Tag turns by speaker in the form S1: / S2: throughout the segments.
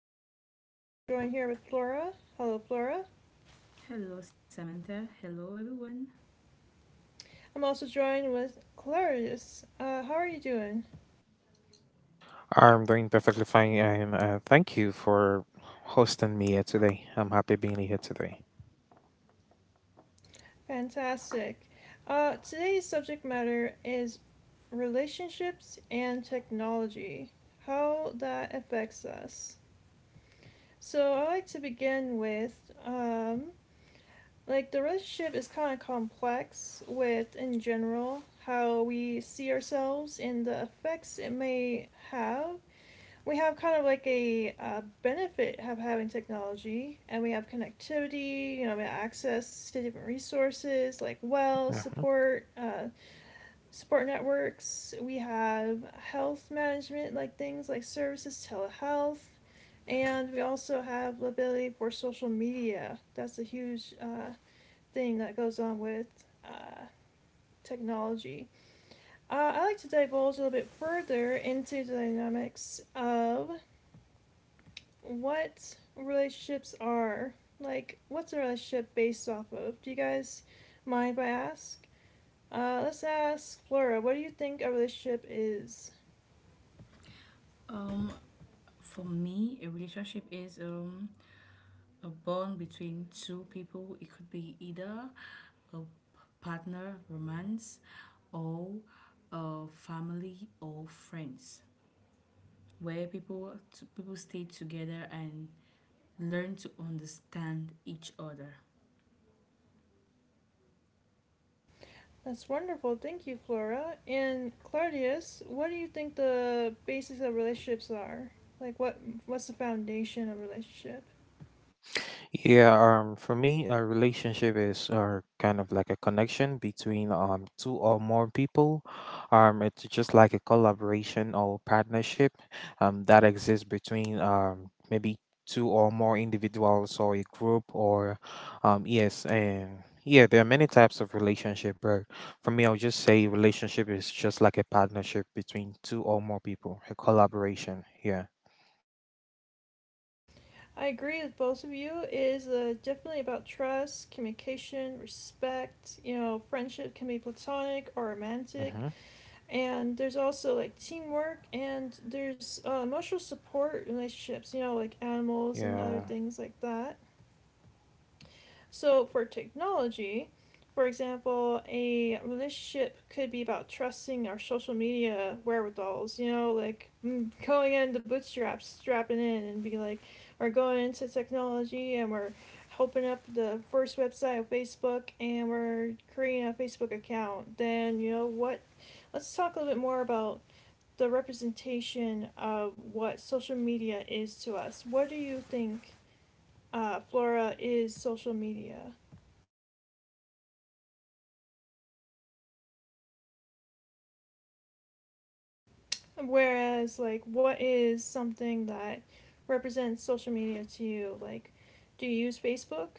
S1: podcast. I'm joined here with Flora. Hello, Flora.
S2: Hello, Samantha. Hello, everyone.
S1: I'm also joined with Clarius. How are you doing?
S3: I'm doing perfectly fine, and thank you for hosting me here today. I'm happy being here today.
S1: Fantastic. Today's subject matter is relationships and technology, how that affects us. I like to begin with like the relationship is kind of complex with in general how we see ourselves and the effects it may have. We have kind of like a benefit of having technology, and we have connectivity. You know, we have access to different resources like wells
S3: Mm-hmm.
S1: support, support networks. We have health management like things like services, telehealth, and we also have the ability for social media. That's a huge thing that goes on with uh, technology. I like to divulge a little bit further into the dynamics of what relationships are. Like, what's a relationship based off of? Do you guys mind if I ask? Let's ask Flora, what do you think a relationship is?
S2: Um, for me, a relationship is a bond between two people. It could be either a partner, romance, or a family or friends, where people stay together and learn to understand each other.
S1: That's wonderful. Thank you, Flora. And Claudius, what do you think the basics of relationships are? Like what's the foundation of a relationship?
S3: Yeah, for me, a relationship is kind of like a connection between two or more people. It's just like a collaboration or partnership that exists between maybe two or more individuals or a group or yes. And yeah there are many types of relationship, but for me, I'll just say relationship is just like a partnership between two or more people, a collaboration. Yeah.
S1: I agree with both of you. It is definitely about trust, communication, respect. You know, friendship can be platonic or romantic,
S3: Mm-hmm.
S1: and there's also like teamwork, and there's emotional support relationships, you know, like animals and other
S3: Yeah.
S1: things like that. So for technology, for example, a relationship could be about trusting our social media wherewithals, you know, like going into bootstraps, strapping in and be like, we're going into technology and we're open up the first website of Facebook, and we're creating a Facebook account. Then you know what, let's talk a little bit more about the representation of what social media is to us. What do you think, Flora, is social media? Whereas, like, what is something that represents social media to you? Like, do you use Facebook?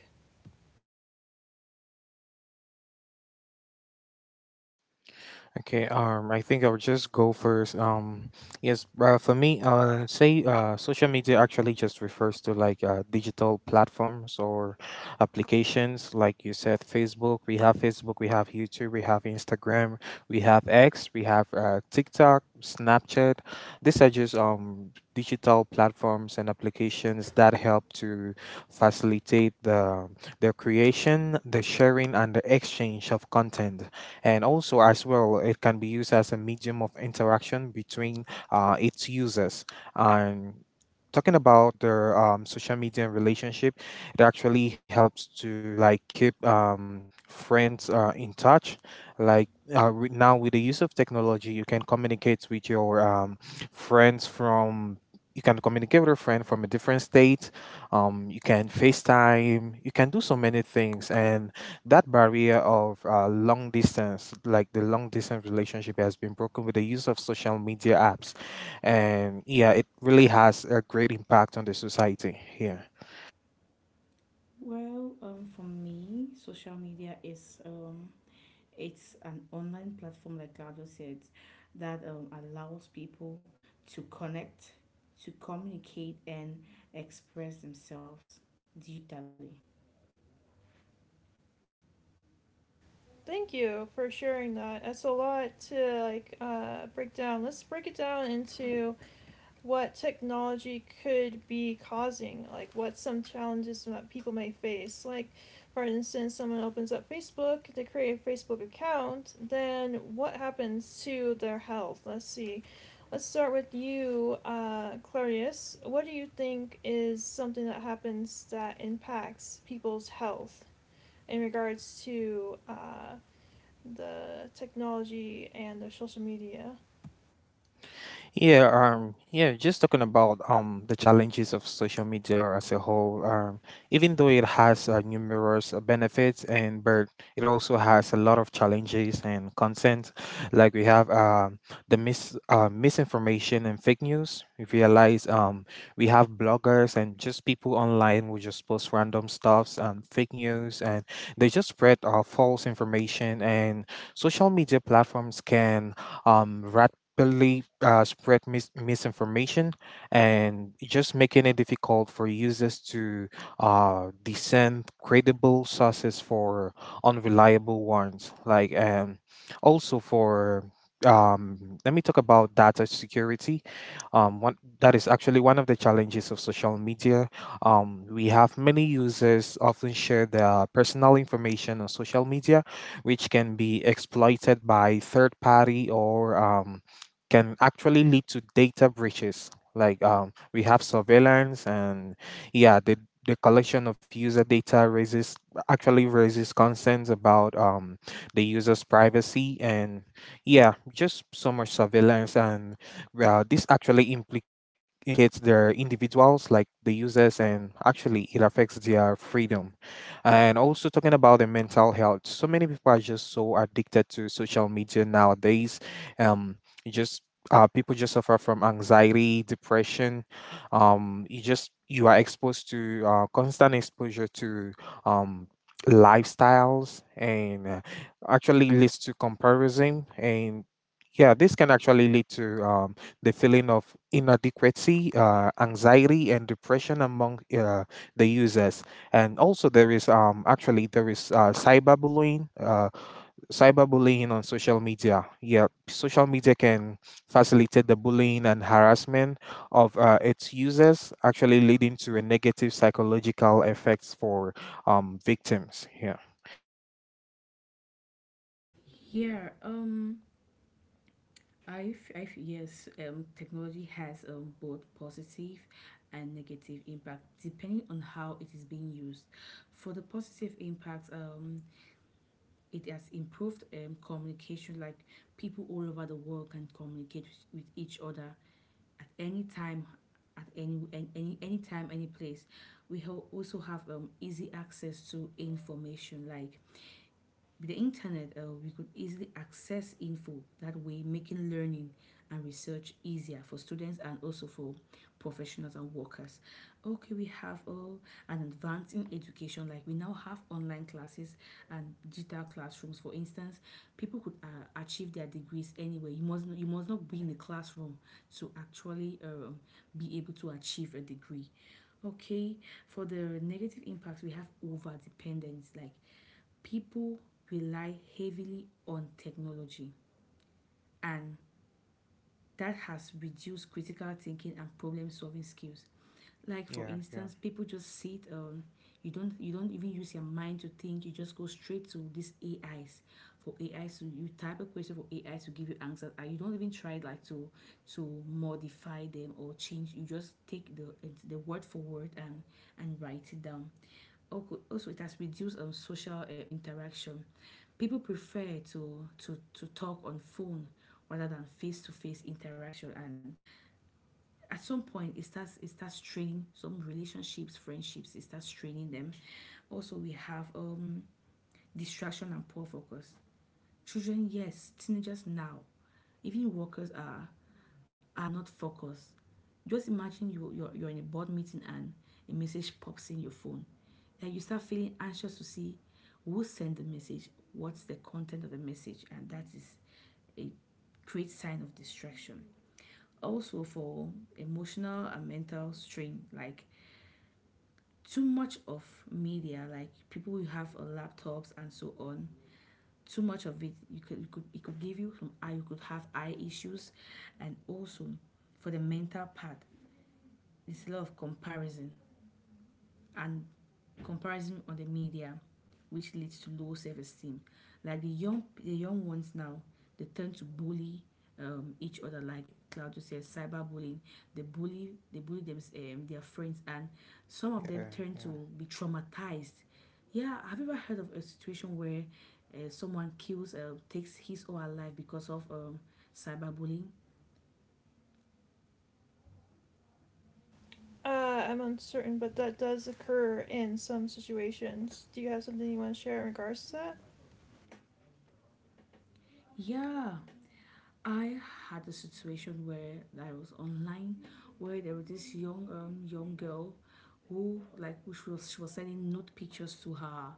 S3: Okay, I think I'll just go first. Yes, for me, say social media actually just refers to like digital platforms or applications. Like you said, Facebook. We have Facebook, we have YouTube, we have Instagram, we have X, we have TikTok, Snapchat. These are just digital platforms and applications that help to facilitate the creation, the sharing, and the exchange of content, and also, as well, it can be used as a medium of interaction between its users. And talking about their social media and relationship, it actually helps to like keep friends in touch. like Now, with the use of technology, you can communicate with your friends from you can communicate with a friend from a different state. You can FaceTime, you can do so many things, and that barrier of long distance, like the long distance relationship, has been broken with the use of social media apps, and yeah, it really has a great impact on the society. Here.
S2: Well, for me, social media is it's an online platform, like Claudio said, that allows people to connect, to communicate, and express themselves digitally.
S1: Thank you for sharing that. That's a lot to like break down. Let's break it down into what technology could be causing, like what some challenges that people may face. Like, for instance, someone opens up Facebook to create a Facebook account, then what happens to their health? Let's see. Let's start with you, Clarius. What do you think is something that happens that impacts people's health in regards to the technology and the social media?
S3: Yeah, just talking about the challenges of social media as a whole. Even though it has numerous benefits, and but it also has a lot of challenges and concerns. Like, we have the misinformation and fake news. We realize we have bloggers and just people online who just post random stuffs and fake news, and they just spread false information, and social media platforms can um believe spread misinformation and just making it difficult for users to discern credible sources for unreliable ones. Also, for let me talk about data security. That is actually one of the challenges of social media. We have many users often share their personal information on social media, which can be exploited by third party, or can actually lead to data breaches. We have surveillance, and yeah, the collection of user data raises actually raises concerns about the user's privacy, and yeah, just so much surveillance, and this actually implicates their individuals, like the users, and actually it affects their freedom. And also, talking about the mental health, so many people are just so addicted to social media nowadays. Um, just People just suffer from anxiety, depression. You are exposed to constant exposure to um, lifestyles, and actually leads to comparison, and yeah, this can actually lead to the feeling of inadequacy, anxiety, and depression among the users. And also, there is cyberbullying. Cyberbullying on social media. Yeah, social media can facilitate the bullying and harassment of its users, actually leading to a negative psychological effects for victims. Yeah.
S2: Yeah, I. I f- yes, Technology has both positive and negative impact depending on how it is being used. For the positive impact, it has improved communication, like people all over the world can communicate with each other at any time, any time, any place. We also have easy access to information, like with the internet, we could easily access info that way, making learning and research easier for students and also for professionals and workers. Okay, we have an advance in education, like we now have online classes and digital classrooms. For instance, people could achieve their degrees anywhere. You must not be in a classroom to actually be able to achieve a degree. Okay, for the negative impact, we have over dependence. Like people rely heavily on technology, and that has reduced critical thinking and problem solving skills. Like for
S3: Yeah. Yeah.
S2: instance, people just sit. You don't even use your mind to think. You just go straight to these ais, for ais to, you type a question for ais to give you answers, and you don't even try, like, to modify them or change. You just take the word for word and write it down. Also, it has reduced social interaction. People prefer to talk on phone rather than face-to-face interaction, and at some point it starts straining some relationships, friendships. It starts straining them. Also, we have distraction and poor focus. Children, yes, teenagers now, even workers are not focused. Just imagine you're in a board meeting and a message pops in your phone. Then you start feeling anxious to see who sent the message, what's the content of the message, and that is a great sign of distraction. Also, for emotional and mental strain, like too much of media, like people who have laptops and so on, too much of it, you could, it could give you some eye, you could have eye issues, and also for the mental part, there's a lot of comparison and comparison on the media, which leads to low self-esteem. Like the young ones now, they tend to bully each other. Like Claudio says, cyberbullying. They bully them, their friends, and some of them
S3: Yeah.
S2: turn
S3: Yeah.
S2: to be traumatized. Yeah, have you ever heard of a situation where someone kills, takes his or her life because of cyberbullying?
S1: I'm uncertain, but that does occur in some situations. Do you have something you want to share in regards to that?
S2: Yeah, I had a situation where I was online, where there was this young young girl who like who she was sending nude pictures to her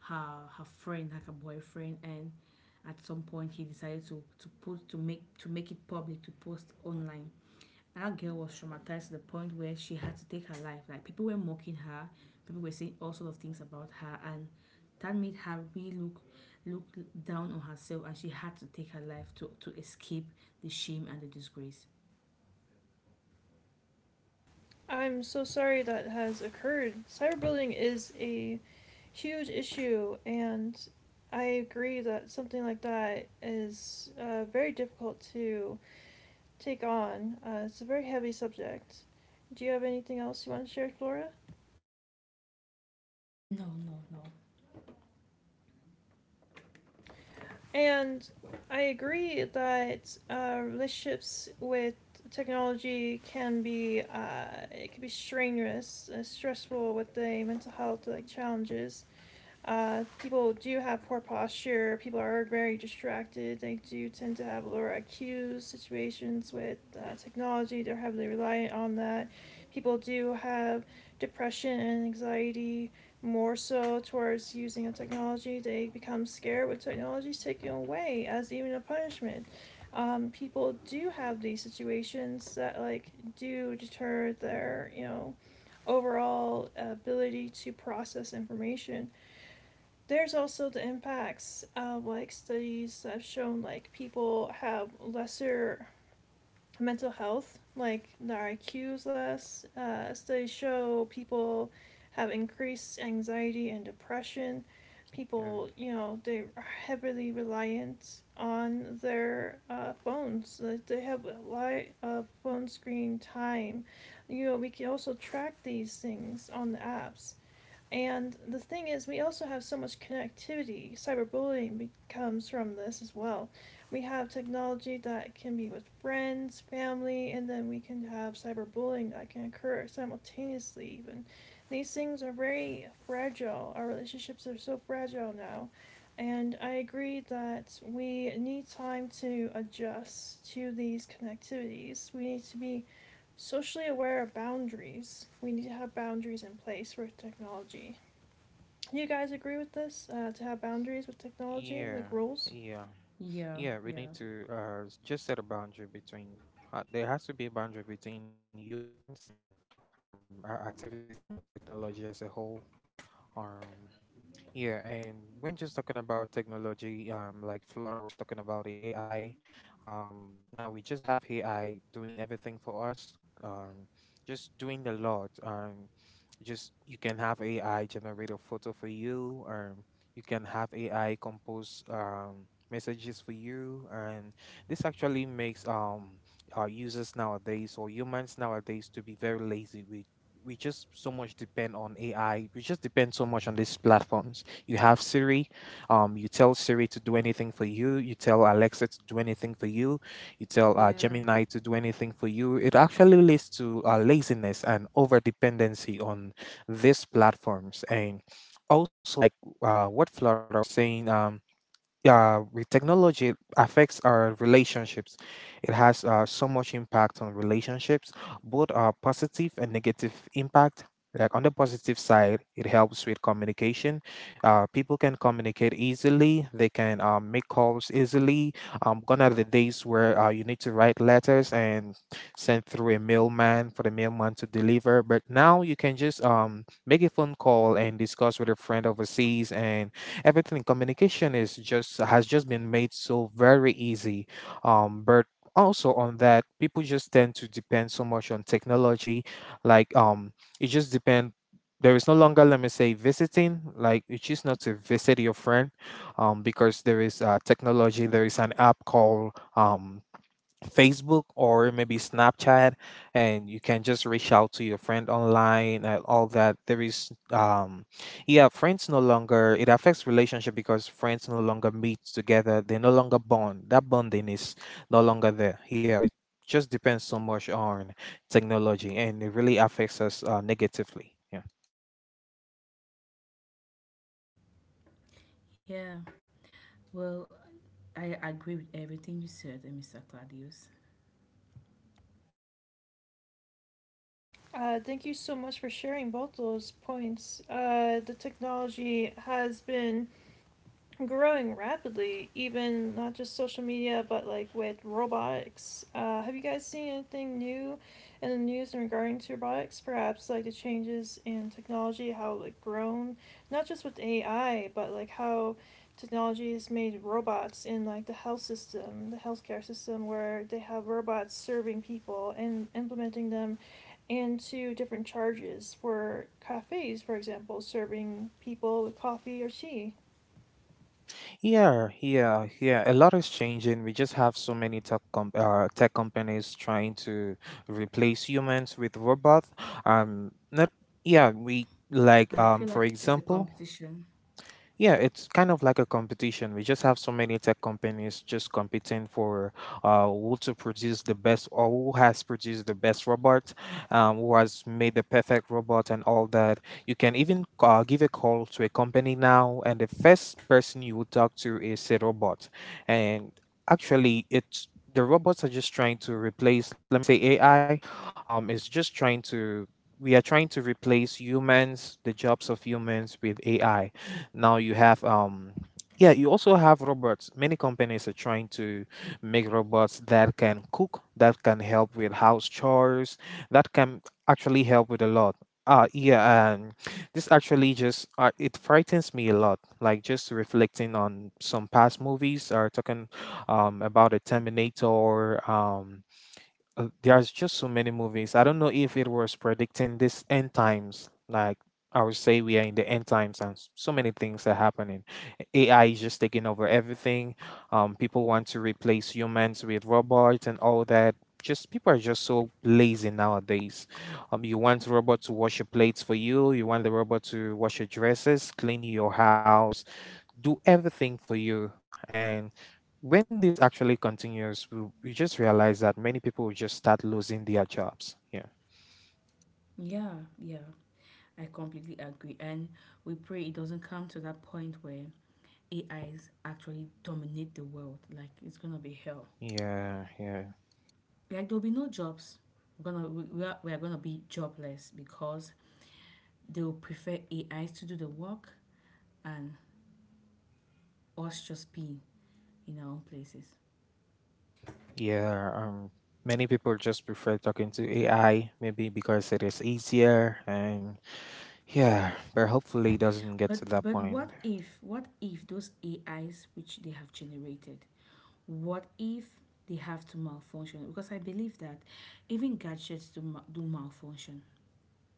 S2: her friend, like her boyfriend, and at some point he decided to put to make it public, to post online. That girl was traumatized to the point where she had to take her life. Like people were mocking her, people were saying all sort of things about her, and that made her really look down on herself, and she had to take her life to escape the shame and the disgrace.
S1: I'm so sorry that has occurred. Cyberbullying is a huge issue, and I agree that something like that is very difficult to take on. It's a very heavy subject. Do you have anything else you want to share, Flora?
S2: No, no, no.
S1: And I agree that relationships with technology can be it can be strenuous, stressful with the mental health like challenges. People do have poor posture. People are very distracted. They do tend to have lower IQs. Situations with technology, they're heavily reliant on that. People do have depression and anxiety more so towards using a technology. They become scared with technologies taken away as even a punishment. People do have these situations that like do deter their, you know, overall ability to process information. There's also the impacts of like studies that have shown like people have lesser mental health, like their IQ is less. Studies show people have increased anxiety and depression.
S3: Yeah.
S1: People, you know, they are heavily reliant on their phones. Like, they have a lot of phone screen time. You know, we can also track these things on the apps. And the thing is, we also have so much connectivity. Cyberbullying comes from this as well. We have technology that can be with friends, family, and then we can have cyberbullying that can occur simultaneously, even. These things are very fragile. Our relationships are so fragile now. And I agree that we need time to adjust to these connectivities. We need to be socially aware of boundaries. We need to have boundaries in place for technology. You guys agree with this, to have boundaries with technology like
S3: Yeah.
S1: rules?
S3: Yeah.
S2: Yeah,
S3: Yeah. We
S2: yeah,
S3: need to just set a boundary between. There has to be a boundary between humans and our activities and technology as a whole. Um, Yeah, and when just talking about technology, like Flora was talking about the AI, now we just have AI doing everything for us, um, just doing a lot. Just You can have AI generate a photo for you, or you can have AI compose messages for you, and this actually makes our users nowadays, or humans nowadays, to be very lazy. We just so much depend on AI. We just depend so much on these platforms. You have Siri. You tell Siri to do anything for you, you tell Alexa to do anything for you, you tell
S2: yeah,
S3: Gemini to do anything for you. It actually leads to laziness and over dependency on these platforms. And also, like what Flora was saying, with technology, it affects our relationships. It has so much impact on relationships, both positive and negative impact. Like, on the positive side, it helps with communication. People can communicate easily, they can make calls easily. Gone are the days where you need to write letters and send through a mailman for the mailman to deliver, but now you can just make a phone call and discuss with a friend overseas, and everything communication is just has just been made so very easy. But also on that, people just tend to depend so much on technology. Like it just depend There is no longer, let me say, visiting. Like, you choose not to visit your friend because there is an app called Facebook or maybe Snapchat, and you can just reach out to your friend online and all that. Yeah, friends no longer, it affects relationship because friends no longer meet together. They no longer bond. That bonding is no longer there. Yeah, we just depends so much on technology, and it really affects us negatively. Yeah.
S2: yeah. Well, I agree with everything you said, eh, Mr. Claudius.
S1: Uh, thank you so much for sharing both those points. The technology has been growing rapidly, even not just social media, but like with robotics. Have you guys seen anything new in the news in regarding to robotics? Perhaps like the changes in technology, how like grown, not just with AI, but like how technology has made robots in like the health system, the healthcare system, where they have robots serving people and implementing them into different charges for cafes, for example, serving people with coffee or tea.
S3: Yeah. A lot is changing. We just have so many tech companies trying to replace humans with robots. Not Yeah. We like
S2: And I feel
S3: for
S2: like there's a
S3: example,
S2: competition.
S3: Yeah, it's kind of like a competition. We just have so many tech companies just competing for who to produce the best, or who has produced the best robot, who has made the perfect robot, and all that. You can even give a call to a company now, and the first person you will talk to is a robot. And actually, it's the robots are just trying to replace, let me say, AI. It's just trying to We are trying to replace humans, the jobs of humans, with AI. Now you have Yeah, you also have robots. Many companies are trying to make robots that can cook, that can help with house chores, that can actually help with a lot. Yeah, and this actually just it frightens me a lot. Like, just reflecting on some past movies, are talking about a Terminator, there's just so many movies. I don't know if it was predicting this end times. Like, I would say we are in the end times, and so many things are happening. AI is just taking over everything. People want to replace humans with robots and all that. Just, people are just so lazy nowadays. You want robot to wash your plates for you, you want the robot to wash your dresses, clean your house, do everything for you. And when this actually continues, we just realize that many people will just start losing their jobs. Yeah,
S2: Yeah, yeah. I completely agree. And we pray it doesn't come to that point where AIs actually dominate the world, like it's gonna be hell.
S3: yeah, yeah,
S2: Like there'll be no jobs. We're gonna we are gonna be jobless because they'll prefer AIs to do the work and us just be in our own places.
S3: yeah. Many people just prefer talking to AI, maybe because it is easier. And yeah, but hopefully it doesn't get
S2: But
S3: to that
S2: but
S3: point.
S2: what if those AIs which they have generated, what if they have to malfunction? Because I believe that even gadgets do malfunction.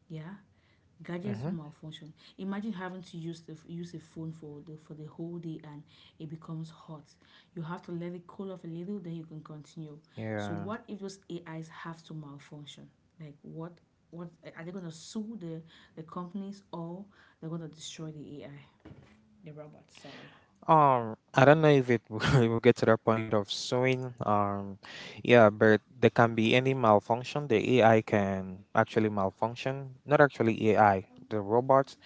S2: Yeah, gadgets do
S3: Mm-hmm.
S2: malfunction. Imagine having to use a phone for the whole day and it becomes hot. You have to let it cool off a little, then you can continue. So
S3: Yeah.
S2: what if those AIs have to malfunction? Like what are they gonna sue the companies, or they're gonna destroy the AI? The robots, sorry.
S3: I don't know if it will get to the point of suing. Yeah, but there can be any malfunction. The AI can actually malfunction. Not actually AI, the robot.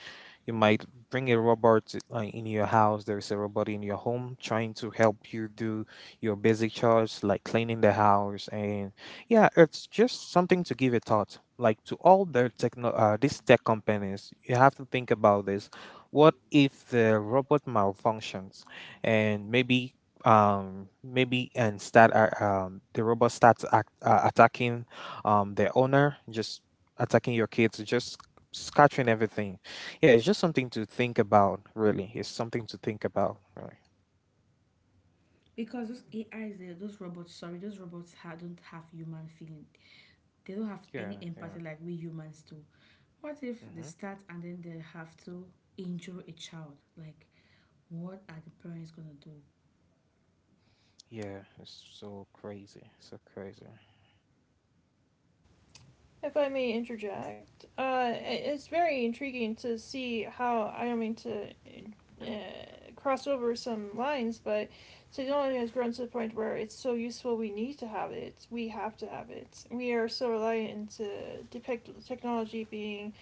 S3: You might bring a robot in your house. There's a robot in your home trying to help you do your basic chores, like cleaning the house. And yeah, it's just something to give a thought. Like, to all the these tech companies, you have to think about this. What if the robot malfunctions and maybe maybe and start the robot starts attacking the owner, just attacking your kids, just scattering everything. Yeah, it's just something to think about, really. It's something to think about, really.
S2: Because those AIs, those robots, sorry, those robots don't have human feeling. They don't have any
S3: Yeah, yeah.
S2: empathy like we humans do. What if they
S3: Mm-hmm.
S2: start and then they have to injure a child? Like, what are the parents gonna do?
S3: Yeah, it's so crazy. So crazy.
S1: If I may interject, it's very intriguing to see how, I don't mean to cross over some lines, but technology has grown to the point where it's so useful we need to have it. We have to have it. We are so reliant to depict technology being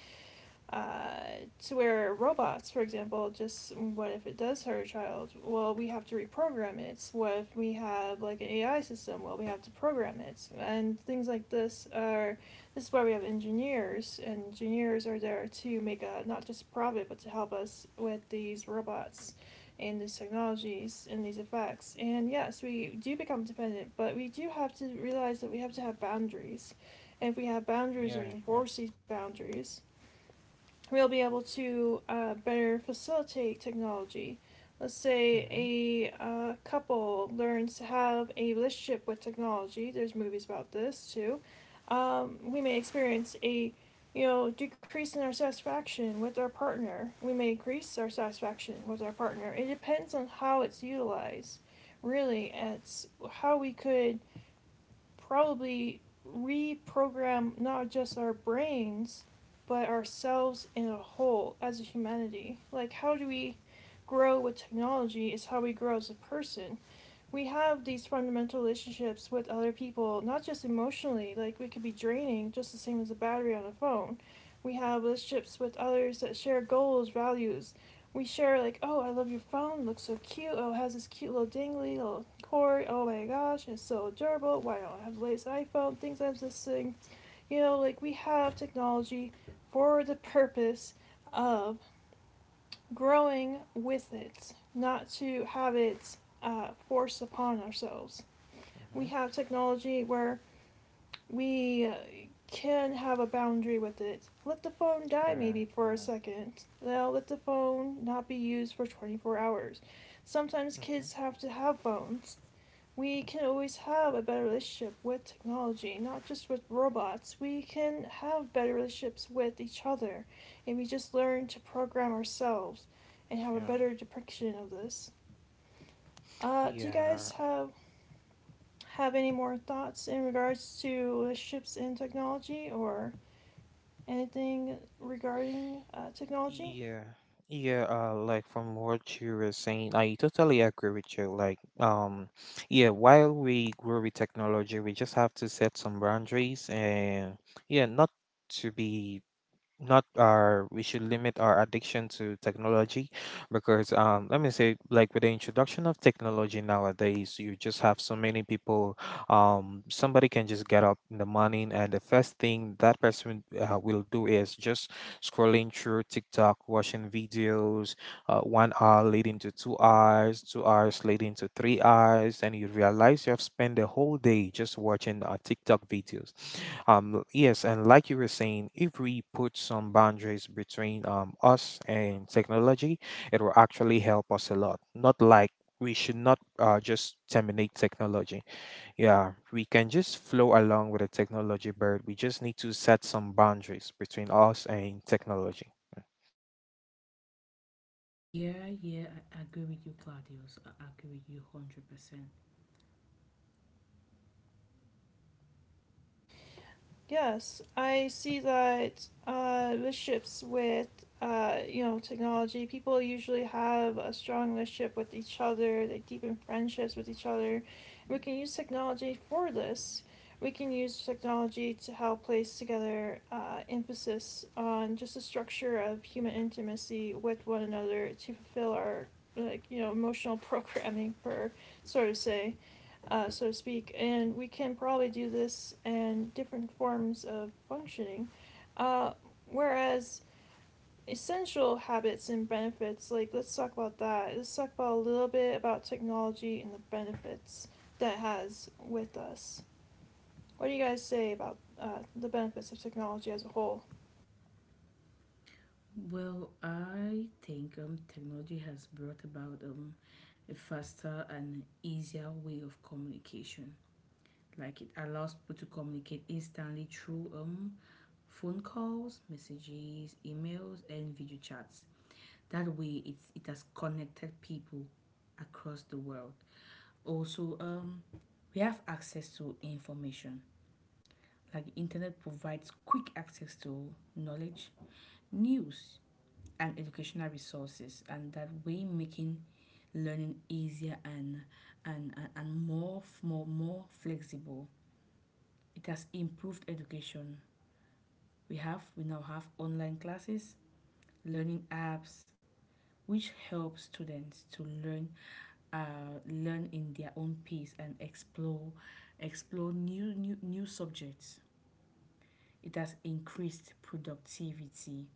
S1: uh, to where robots, for example, just what if it does hurt a child? Well, we have to reprogram it. What if we have like an AI system? Well, we have to program it. And things like this are, this is why we have engineers. And engineers are there to make a not just profit, but to help us with these robots and these technologies and these effects. And yes, we do become dependent, but we do have to realize that we have to have boundaries. And if we have boundaries,
S3: Yeah,
S1: we
S3: yeah.
S1: enforce these boundaries, we'll be able to better facilitate technology. Let's say
S3: Mm-hmm.
S1: a couple learns to have a relationship with technology. There's movies about this too. We may experience a, you know, decrease in our satisfaction with our partner. We may increase our satisfaction with our partner. It depends on how it's utilized. Really, it's how we could probably reprogram not just our brains, but ourselves in a whole as a humanity. Like, how do we grow with technology is how we grow as a person. We have these fundamental relationships with other people, not just emotionally, like we could be draining, just the same as a battery on a phone. We have relationships with others that share goals, values. We share, like, oh, I love your phone, it looks so cute, oh, it has this cute little dingly little cord, oh my gosh, it's so adorable, why don't I have the latest iPhone, things like this thing. You know, like, we have technology for the purpose of growing with it, not to have it forced upon ourselves.
S3: Mm-hmm.
S1: We have technology where we can have a boundary with it. Let the phone die
S3: Yeah,
S1: maybe for a
S3: yeah.
S1: second. Now let the phone not be used for 24 hours. Sometimes
S3: Mm-hmm.
S1: kids have to have phones. We can always have a better relationship with technology, not just with robots. We can have better relationships with each other if we just learn to program ourselves and have a
S3: Yeah.
S1: better depiction of this. Do you
S3: Yeah.
S1: guys have any more thoughts in regards to ships in technology or anything regarding technology?
S3: Yeah. Yeah, like from what you were saying, I totally agree with you. Like, yeah, while we grow with technology, we just have to set some boundaries and yeah, not to be not our we should limit our addiction to technology, because let me say, like, with the introduction of technology nowadays, you just have so many people. Somebody can just get up in the morning, and the first thing that person will do is just scrolling through TikTok, watching videos, 1 hour leading to 2 hours, 2 hours leading to 3 hours, and you realize you have spent the whole day just watching TikTok videos. Yes, and like you were saying, if we put some boundaries between us and technology, it will actually help us a lot. Not like we should not just terminate technology. Yeah, we can just flow along with the technology, but we just need to set some boundaries between us and technology.
S2: Yeah, yeah, I agree with you, Claudius. I agree with you 100%.
S1: Yes, I see that relationships with you know, technology, people usually have a strong relationship with each other. They deepen friendships with each other. We can use technology for this. We can use technology to help place together emphasis on just the structure of human intimacy with one another to fulfill our, like, you know, emotional programming for, so to say, so to speak, and we can probably do this in different forms of functioning. Uh, whereas essential habits and benefits, like let's talk about that. Let's talk about a little bit about technology and the benefits that it has with us. What do you guys say about the benefits of technology as a whole?
S2: Well, I think technology has brought about a faster and easier way of communication. Like, it allows people to communicate instantly through phone calls, messages, emails, and video chats. That way, it's, it has connected people across the world. Also, we have access to information. Like the internet provides quick access to knowledge, news, and educational resources, and that way making learning easier and more f- more more flexible. It has improved education. We now have online classes, learning apps, which helps students to learn, learn in their own pace, and explore, explore new subjects. It has increased productivity,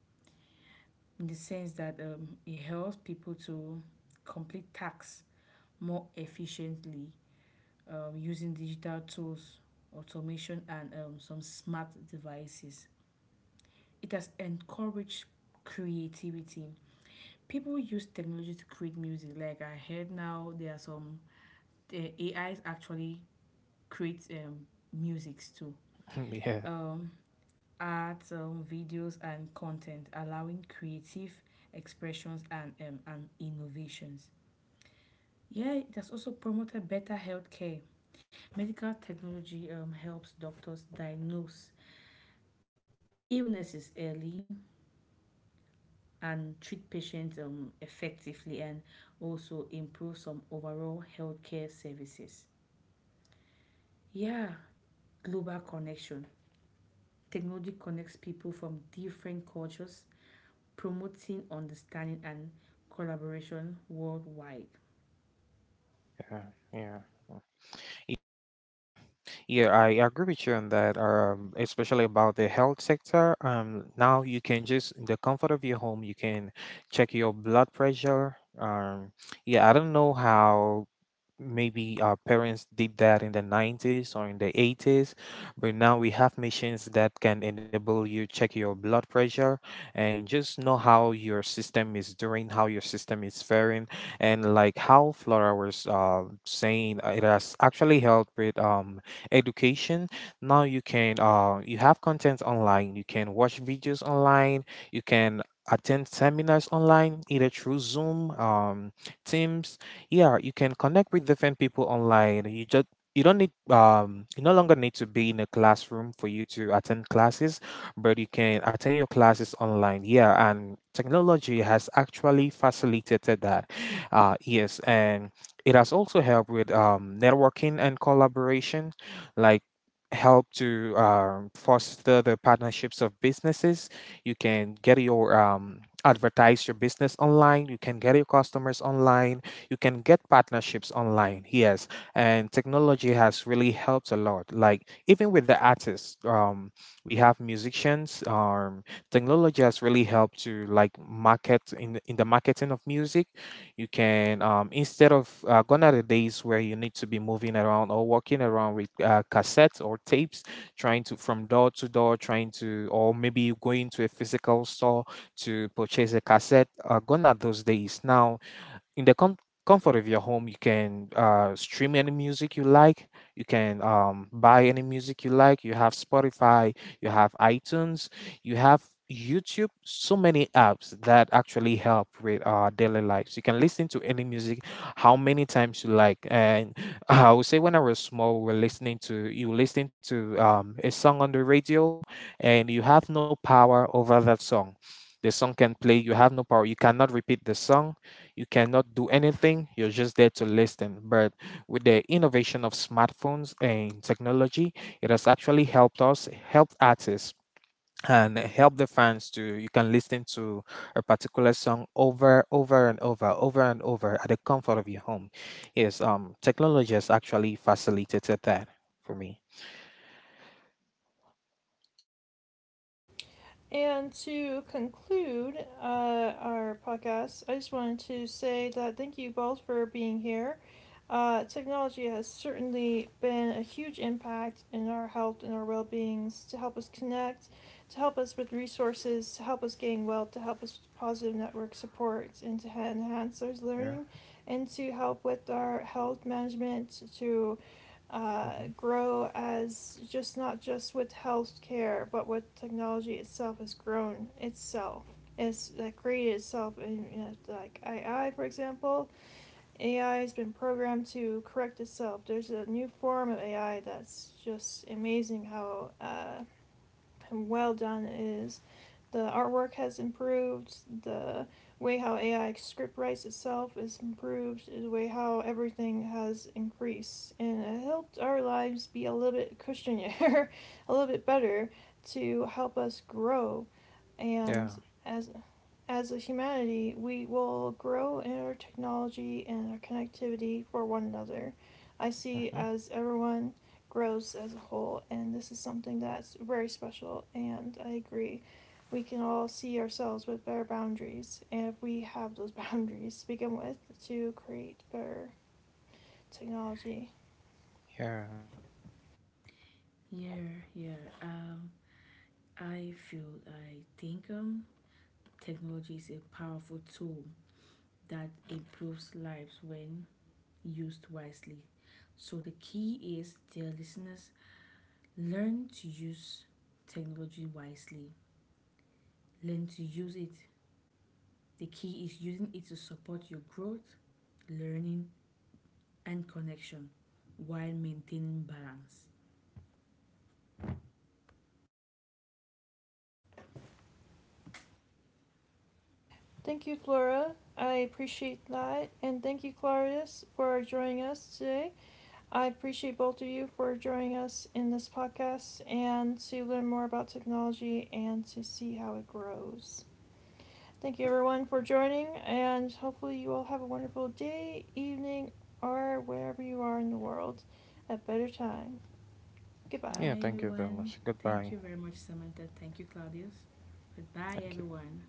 S2: in the sense that it helps people to complete tasks more efficiently, using digital tools, automation, and some smart devices. It has encouraged creativity. People use technology to create music. Like I heard now, there are some, the A is actually create musics too,
S3: Yeah,
S2: um, art, videos, and content, allowing creative expressions and innovations. Yeah, it has also promoted better healthcare. Medical technology helps doctors diagnose illnesses early and treat patients effectively, and also improve some overall healthcare services. Yeah, global connection. Technology connects people from different cultures, promoting understanding and collaboration worldwide.
S3: yeah, yeah. Yeah, I agree with you on that. Especially about the health sector. Now you can just, in the comfort of your home, you can check your blood pressure. Yeah, I don't know how maybe our parents did that in the 90s or in the 80s, but now we have machines that can enable you check your blood pressure and just know how your system is doing, how your system is faring. And like how Flora was saying, it has actually helped with education. Now you can you have content online, you can watch videos online, you can attend seminars online, either through Zoom, Teams. Yeah, you can connect with different people online. You just, you don't need you no longer need to be in a classroom for you to attend classes, but you can attend your classes online. Yeah, and technology has actually facilitated that. Yes, and it has also helped with networking and collaboration, like, help to foster the partnerships of businesses. You can get your advertise your business online, you can get your customers online, you can get partnerships online. Yes, and technology has really helped a lot, like even with the artists. We have musicians. Technology has really helped to, like, market in the marketing of music. You can instead of gone are the days where you need to be moving around or walking around with cassettes or tapes, trying to, from door to door, trying to, or maybe going to a physical store to purchase a cassette. Gone are those days. Now in the comfort of your home, you can stream any music you like, you can buy any music you like. You have Spotify, you have iTunes, you have YouTube, so many apps that actually help with our daily lives. You can listen to any music how many times you like. And I would say when I was small, we we're listening to you listening to a song on the radio, and you have no power over that song. The song can play, you have no power, you cannot repeat the song, you cannot do anything, you're just there to listen. But with the innovation of smartphones and technology, it has actually helped artists and help the fans to, you can listen to a particular song over and over at the comfort of your home. Yes, technology has actually facilitated that, for me.
S1: And to conclude our podcast, I just wanted to say that thank you both for being here. Technology has certainly been a huge impact in our health and our well beings to help us connect, to help us with resources, to help us gain wealth, to help us with positive network support, and to enhance our
S3: Yeah.
S1: learning, and to help with our health management, to
S3: Mm-hmm.
S1: grow as just not just with healthcare, but with technology itself has grown itself. It's like created itself, and you know, like AI, for example, AI has been programmed to correct itself. There's a new form of AI that's just amazing how and well done it is. The artwork has improved. The way how AI script writes itself is improved. The way how everything has increased, and it helped our lives be a little bit cushionier, a little bit better to help us grow. And
S3: Yeah.
S1: as as a humanity, we will grow in our technology and our connectivity for one another. I see
S3: Mm-hmm.
S1: as everyone grows as a whole, and this is something that's very special, and I agree. We can all see ourselves with better boundaries, and if we have those boundaries to begin with to create better technology.
S3: Yeah,
S2: Yeah, yeah. Um, I think technology is a powerful tool that improves lives when used wisely. So the key is, dear listeners, learn to use technology wisely. Learn to use it. The key is using it to support your growth, learning, and connection while maintaining balance.
S1: Thank you, Flora. I appreciate that, and thank you, Clarius, for joining us today. I appreciate both of you for joining us in this podcast and to learn more about technology and to see how it grows. Thank you everyone for joining, and hopefully, you all have a wonderful day, evening, or wherever you are in the world. A better time. Goodbye.
S3: yeah,
S2: Bye,
S3: thank you very
S2: everyone.
S3: much,
S2: Thank you
S3: goodbye.
S2: very much, Samantha. Thank you, Claudius. Goodbye,
S3: Thank you.
S2: everyone.